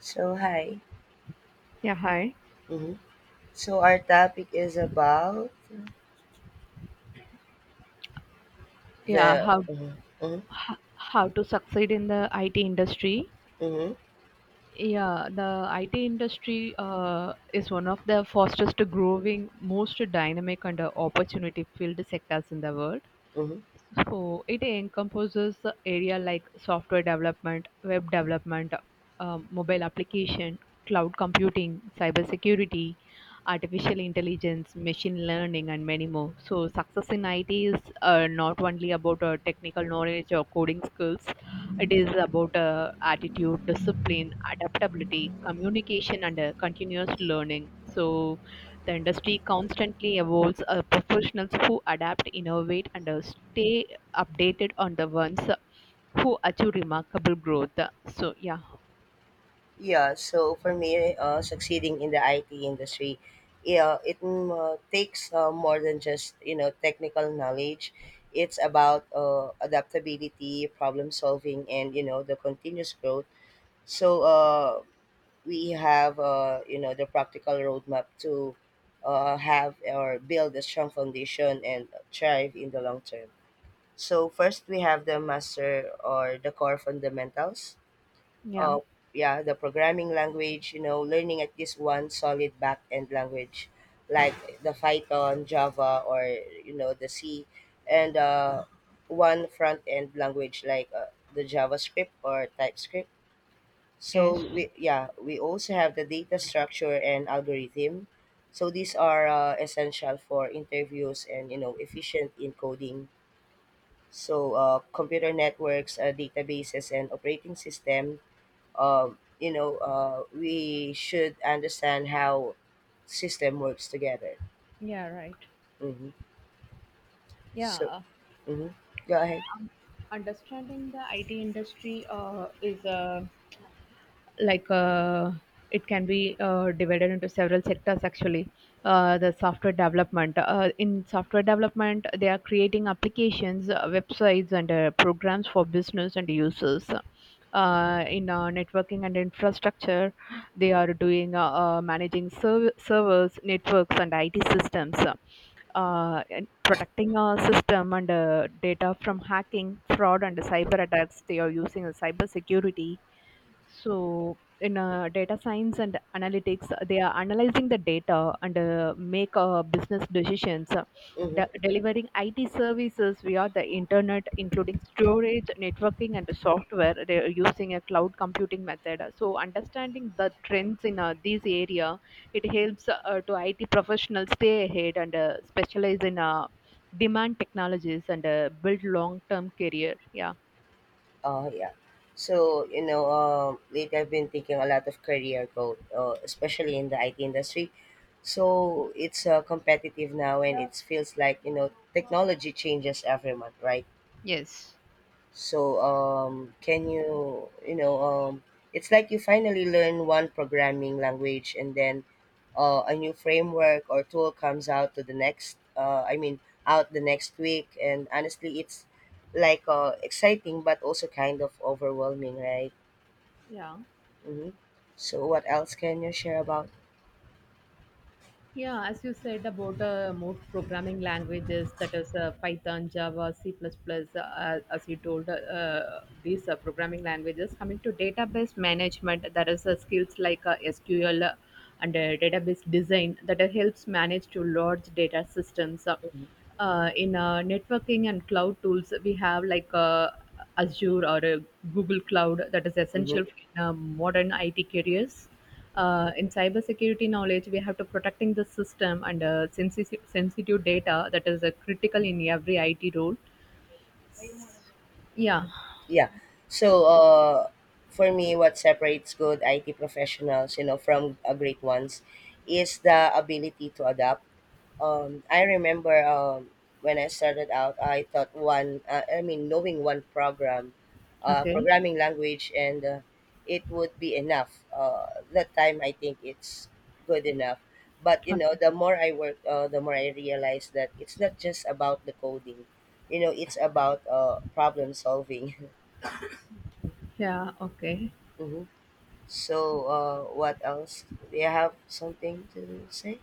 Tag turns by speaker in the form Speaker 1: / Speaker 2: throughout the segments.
Speaker 1: So, hi.
Speaker 2: Yeah, hi.
Speaker 1: Mm-hmm. So, our topic is about
Speaker 2: Yeah, how
Speaker 1: Mm-hmm. Mm-hmm.
Speaker 2: how to succeed in the IT industry.
Speaker 1: Mm-hmm.
Speaker 2: Yeah the IT industry is one of the fastest growing, most dynamic, and opportunity filled sectors in the world.
Speaker 1: Mm-hmm.
Speaker 2: So it encompasses the area like software development, web development, mobile application, cloud computing, cybersecurity, artificial intelligence, machine learning, and many more. So success in IT is not only about technical knowledge or coding skills. It is about attitude, discipline, adaptability, communication, and continuous learning. So the industry constantly evolves. Professionals who adapt, innovate, and stay updated on the ones who achieve remarkable growth. So yeah,
Speaker 1: Yeah, so, for me, succeeding in the IT industry takes more than just, technical knowledge. It's about adaptability, problem solving, and, the continuous growth. So, we have, the practical roadmap to have or build a strong foundation and thrive in the long term. So first we have the master or the core fundamentals.
Speaker 2: yeah,
Speaker 1: Uh, yeah, the programming language, learning at least one solid back-end language like the Python, Java, or, the C, and one front-end language like the JavaScript or TypeScript. So
Speaker 2: yes.
Speaker 1: we yeah, we also have the data structure and algorithm. So these are essential for interviews and efficient encoding. So computer networks, databases, and operating system, we should understand how system works together.
Speaker 2: Yeah, right.
Speaker 1: hmm
Speaker 2: Yeah,
Speaker 1: so mhm. Go ahead.
Speaker 2: understanding the IT industry is like it can be divided into several sectors actually. The software development. In software development, they are creating applications, websites, and programs for business and users. In networking and infrastructure, they are doing managing servers, networks, and it systems. And protecting our system and data from hacking, fraud, and cyber attacks, they are using cyber security. So in data science and analytics, they are analyzing the data and make business decisions.
Speaker 1: Mm-hmm.
Speaker 2: Delivering IT services via the internet, including storage, networking, and the software. They are using a cloud computing method. So understanding the trends in these area, it helps to IT professionals stay ahead and specialize in demand technologies and build long-term career. Yeah.
Speaker 1: uh, yeah so lately I've been thinking a lot of career growth, especially in the IT industry. So it's competitive now, and it feels like technology changes every month, right?
Speaker 2: Yes.
Speaker 1: So, can you, it's like you finally learn one programming language, and then a new framework or tool comes out to the next, I mean, out the next week. And honestly, it's like exciting, but also kind of overwhelming, right?
Speaker 2: Yeah.
Speaker 1: Mm-hmm. So, what else can you share about?
Speaker 2: Yeah, as you said about more programming languages, that is Python, Java, C++, plus plus, as you told, these programming languages. Coming to database management, there is skills like SQL and database design that helps manage to large data systems. In networking and cloud tools, we have like Azure or Google Cloud, that is essential
Speaker 1: Mm-hmm.
Speaker 2: in modern it careers. In cybersecurity knowledge, we have to protecting the system and sensitive, sensitive data that is critical in every it role. Yeah,
Speaker 1: Yeah. So, for me, what separates good IT professionals, from a great ones, is the ability to adapt. I remember when I started out, I thought, knowing one
Speaker 2: okay.
Speaker 1: programming language, and it would be enough. That time, I think it's good enough. But you
Speaker 2: Okay.
Speaker 1: know, the more I work, the more I realize that it's not just about the coding. You know, it's about problem solving.
Speaker 2: Yeah, okay.
Speaker 1: hmm So, what else? Do you have something to say?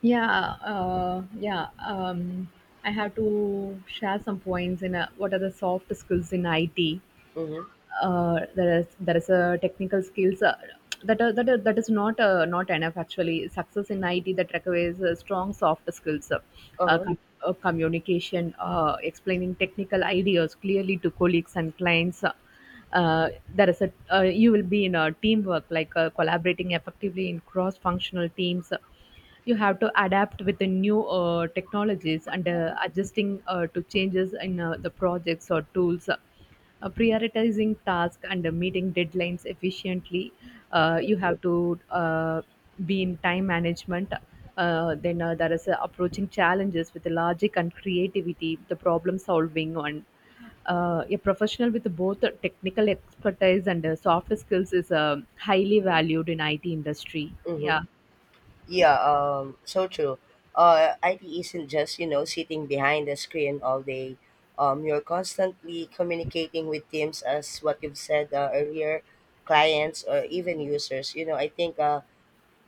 Speaker 2: Yeah, yeah, I have to share some points in what are the soft skills in it.
Speaker 1: Mm-hmm.
Speaker 2: There is a technical skills that is not not enough actually. Success in IT that requires strong soft skills. Uh,
Speaker 1: Uh-huh.
Speaker 2: com- Communication, explaining technical ideas clearly to colleagues and clients. There is a you will be in a teamwork like collaborating effectively in cross functional teams. You have to adapt with the new technologies and adjusting to changes in the projects or tools. Prioritizing tasks and meeting deadlines efficiently. You have to be in time management. Then there is approaching challenges with logic and creativity, the problem solving, and a professional with both technical expertise and soft skills is highly valued in IT industry.
Speaker 1: Mm-hmm.
Speaker 2: Yeah,
Speaker 1: Yeah, so true. IT isn't just, sitting behind the screen all day. You're constantly communicating with teams as what you've said earlier, clients or even users. You know, I think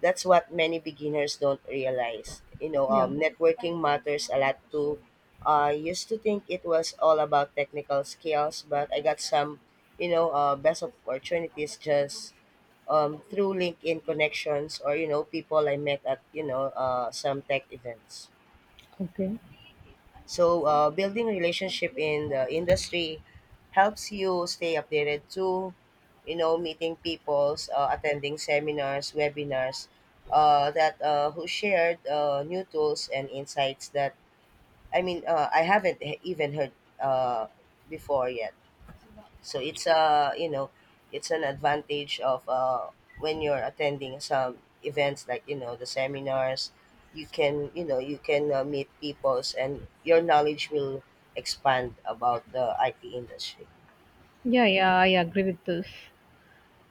Speaker 1: that's what many beginners don't realize. You know,
Speaker 2: yeah.
Speaker 1: networking matters a lot too. I used to think it was all about technical skills, but I got some, best opportunities just through LinkedIn connections, or people I met at some tech events.
Speaker 2: Okay.
Speaker 1: So, building relationship in the industry helps you stay updated too. You know, meeting peoples, attending seminars, webinars, that who shared new tools and insights that I haven't even heard uh, before yet. So it's a it's an advantage of when you're attending some events like the seminars. You can you can meet peoples, and your knowledge will expand about the IT industry.
Speaker 2: Yeah, yeah, I agree with this.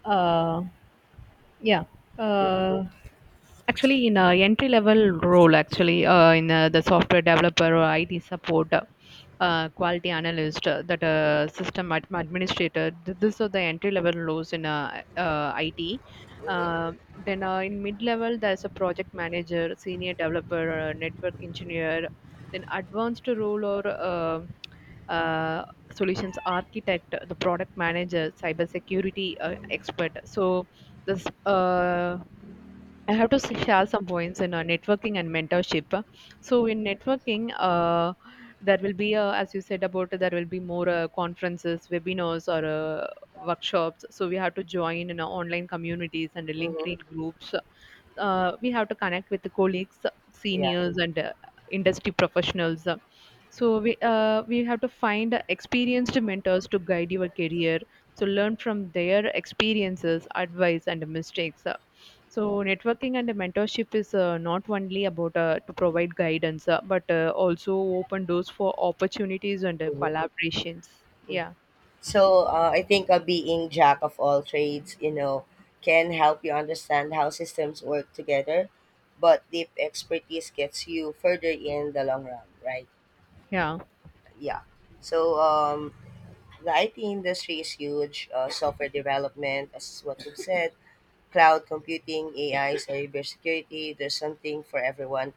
Speaker 2: Uh, yeah. Uh, Actually, in a entry level role actually in the software developer or IT support, quality analyst, that system administrator, these are the entry level roles in IT.
Speaker 1: Mm-hmm.
Speaker 2: uh, then in mid level, there's a project manager, senior developer, network engineer. Then advanced role, or uh, solutions architect, the product manager, cybersecurity expert. So this uh, I have to share some points in networking and mentorship. So in networking, there will be, as you said about, there will be more conferences, webinars, or workshops. So we have to join in online communities and
Speaker 1: Mm-hmm.
Speaker 2: LinkedIn groups. We have to connect with the colleagues,
Speaker 1: Yeah.
Speaker 2: seniors, and industry professionals. We have to find experienced mentors to guide your career. So learn from their experiences, advice, and mistakes. So networking and mentorship is not only about to provide guidance, but also open doors for opportunities and
Speaker 1: Mm-hmm.
Speaker 2: collaborations.
Speaker 1: hmm
Speaker 2: Yeah,
Speaker 1: So I think being jack of all trades, can help you understand how systems work together, but deep expertise gets you further in the long run, right?
Speaker 2: yeah,
Speaker 1: Yeah. So the IT industry is huge. Software development, as what you've said, cloud computing, AI, cybersecurity. There's something for everyone.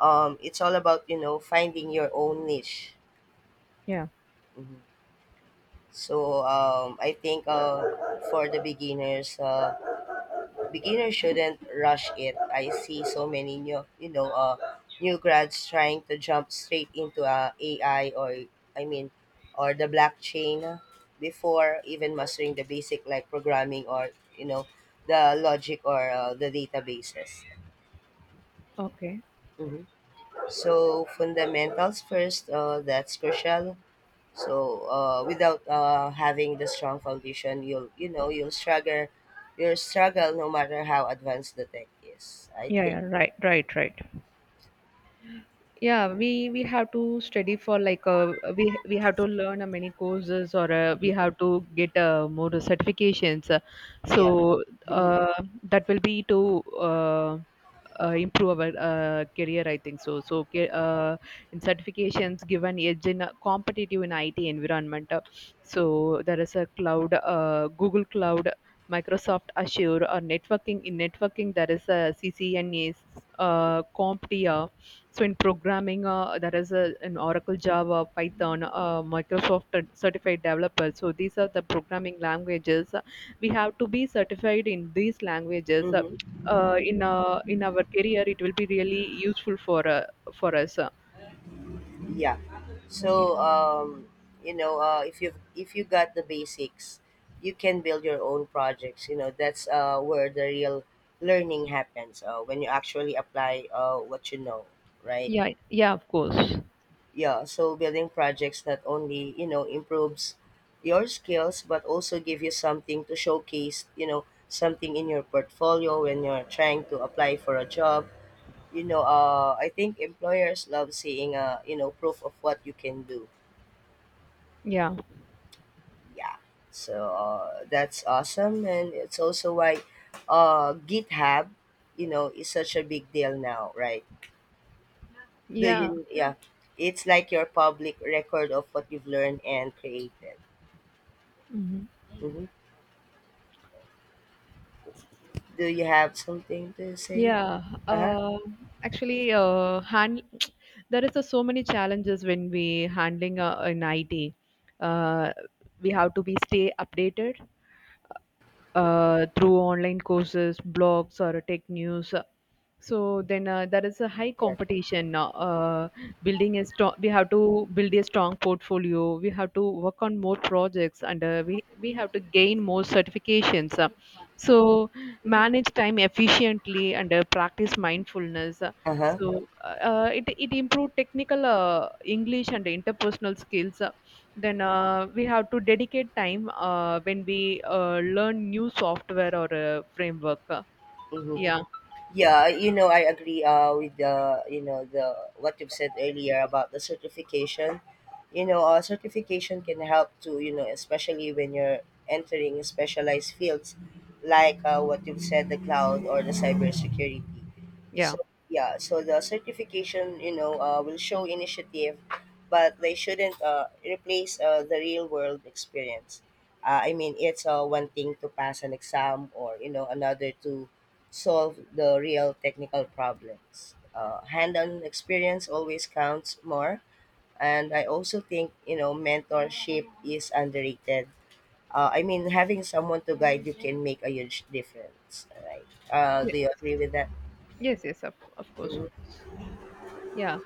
Speaker 1: It's all about finding your own niche.
Speaker 2: yeah.
Speaker 1: Mhm. So I think beginners shouldn't rush it. I see so many new, new grads trying to jump straight into AI or, I mean, or the blockchain before even mastering the basic like programming, or, you know, the logic, or the databases.
Speaker 2: Okay.
Speaker 1: Mhm. So fundamentals first, that's crucial. So without having the strong foundation, you'll you'll struggle no matter how advanced the tech is, I
Speaker 2: Yeah,
Speaker 1: think.
Speaker 2: yeah. Right, right, right. We have to study for like we have to learn many courses, or we have to get more certifications. So
Speaker 1: Yeah.
Speaker 2: uh, that will be to uh, improve our career, I think. So so ca- in Certifications give an edge in a competitive in it environment. So there is a cloud, Google Cloud, Microsoft Azure, or networking. In networking, there is a CCNA, CompTIA. So in programming, there is a, an Oracle, Java, Python, Microsoft certified developer. So these are the programming languages. We have to be certified in these languages.
Speaker 1: hmm
Speaker 2: In our career, it will be really useful for us.
Speaker 1: Yeah. So if you got the basics, you can build your own projects. You know, that's where the real learning happens when you actually apply what you know, right?
Speaker 2: Yeah, yeah, of course.
Speaker 1: Yeah. So building projects not only improves your skills, but also give you something to showcase. You know, something in your portfolio when you're trying to apply for a job. You know, I think employers love seeing proof of what you can do.
Speaker 2: Yeah,
Speaker 1: Yeah. So that's awesome, and it's also why GitHub, is such a big deal now, right? Do
Speaker 2: yeah.
Speaker 1: you? Yeah. It's like your public record of what you've learned and created.
Speaker 2: Mhm.
Speaker 1: hmm Do you have something to say?
Speaker 2: Yeah,
Speaker 1: Uh huh.
Speaker 2: uh, actually, hand there is a so many challenges when we handling an IT. Uh, we have to be stay updated through online courses, blogs, or tech news. So then there is a high
Speaker 1: Yeah.
Speaker 2: competition now. Uh, building a strong we have to build a strong portfolio. We have to work on more projects, and we have to gain more certifications. So Manage time efficiently and practice mindfulness. uh,
Speaker 1: Uh huh.
Speaker 2: so uh, uh, it, it improve technical english and interpersonal skills. Then we have to dedicate time when we learn new software or framework.
Speaker 1: hmm
Speaker 2: Yeah,
Speaker 1: Yeah, you know, I agree with the, what you've said earlier about the certification. You know, certification can help to, especially when you're entering specialized fields like what you've said, the cloud or the cybersecurity.
Speaker 2: yeah.
Speaker 1: So, yeah, so the certification, will show initiative, but they shouldn't replace the real world experience. I mean, it's one thing to pass an exam, or, another to solve the real technical problems. Hand-on experience always counts more, and I also think mentorship is underrated. I mean, having someone to guide you can make a huge difference, right? Do you agree with that?
Speaker 2: Yes, yes, of course, of
Speaker 1: Mm-hmm.
Speaker 2: course. Yeah.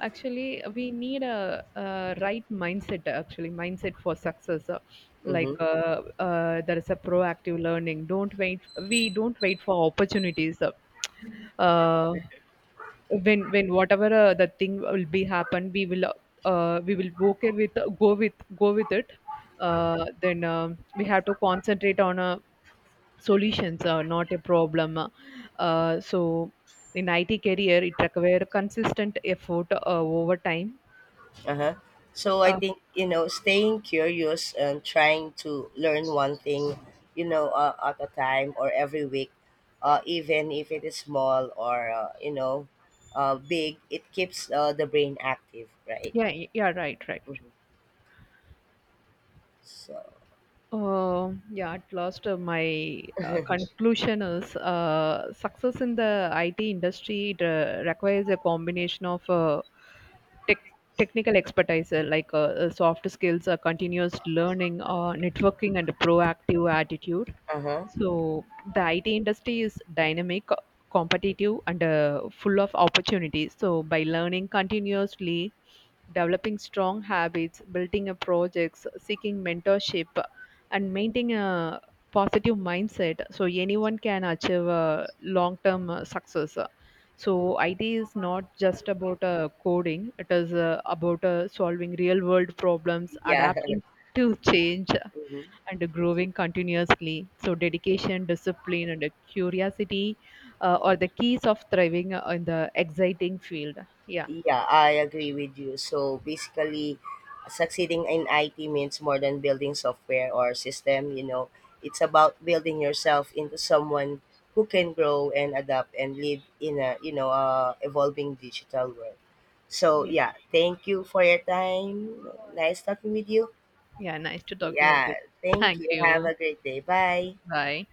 Speaker 2: Actually, we need a right mindset, actually, mindset for success. Like there is a proactive learning. Don't wait. We don't wait for opportunities. Uh, when, whatever the thing will be happen, we will okay with go with go with it. Then we have to concentrate on a solutions, are not a problem. So, in IT career, it requires consistent effort over time.
Speaker 1: Uh-huh. So I
Speaker 2: Uh,
Speaker 1: think, staying curious and trying to learn one thing, at a time or every week, even if it is small or, big, it keeps the brain active, right?
Speaker 2: yeah, yeah, right, right.
Speaker 1: hmm So,
Speaker 2: Yeah, at last, my conclusion is success in the IT industry, it requires a combination of tech technical expertise, soft skills, continuous learning, networking, and a proactive attitude.
Speaker 1: uh-huh.
Speaker 2: So the IT industry is dynamic, competitive, and full of opportunities. So by learning continuously, developing strong habits, building a projects, seeking mentorship, and maintaining a positive mindset, so anyone can achieve long-term success. So IT is not just about coding; it is about solving real-world problems,
Speaker 1: Yeah.
Speaker 2: adapting to change, and growing continuously. So dedication, discipline, and curiosity are the keys of thriving in the exciting field. Yeah.
Speaker 1: Yeah, I agree with you. So basically, succeeding in IT means more than building software or system, you know. It's about building yourself into someone who can grow and adapt and live in a, evolving digital world. So
Speaker 2: Yeah.
Speaker 1: yeah, thank you for your time. Nice talking with you.
Speaker 2: Yeah, nice to talking with
Speaker 1: Yeah,
Speaker 2: you.
Speaker 1: thank
Speaker 2: Thank
Speaker 1: you. Have
Speaker 2: you.
Speaker 1: a great day. Bye.
Speaker 2: Bye.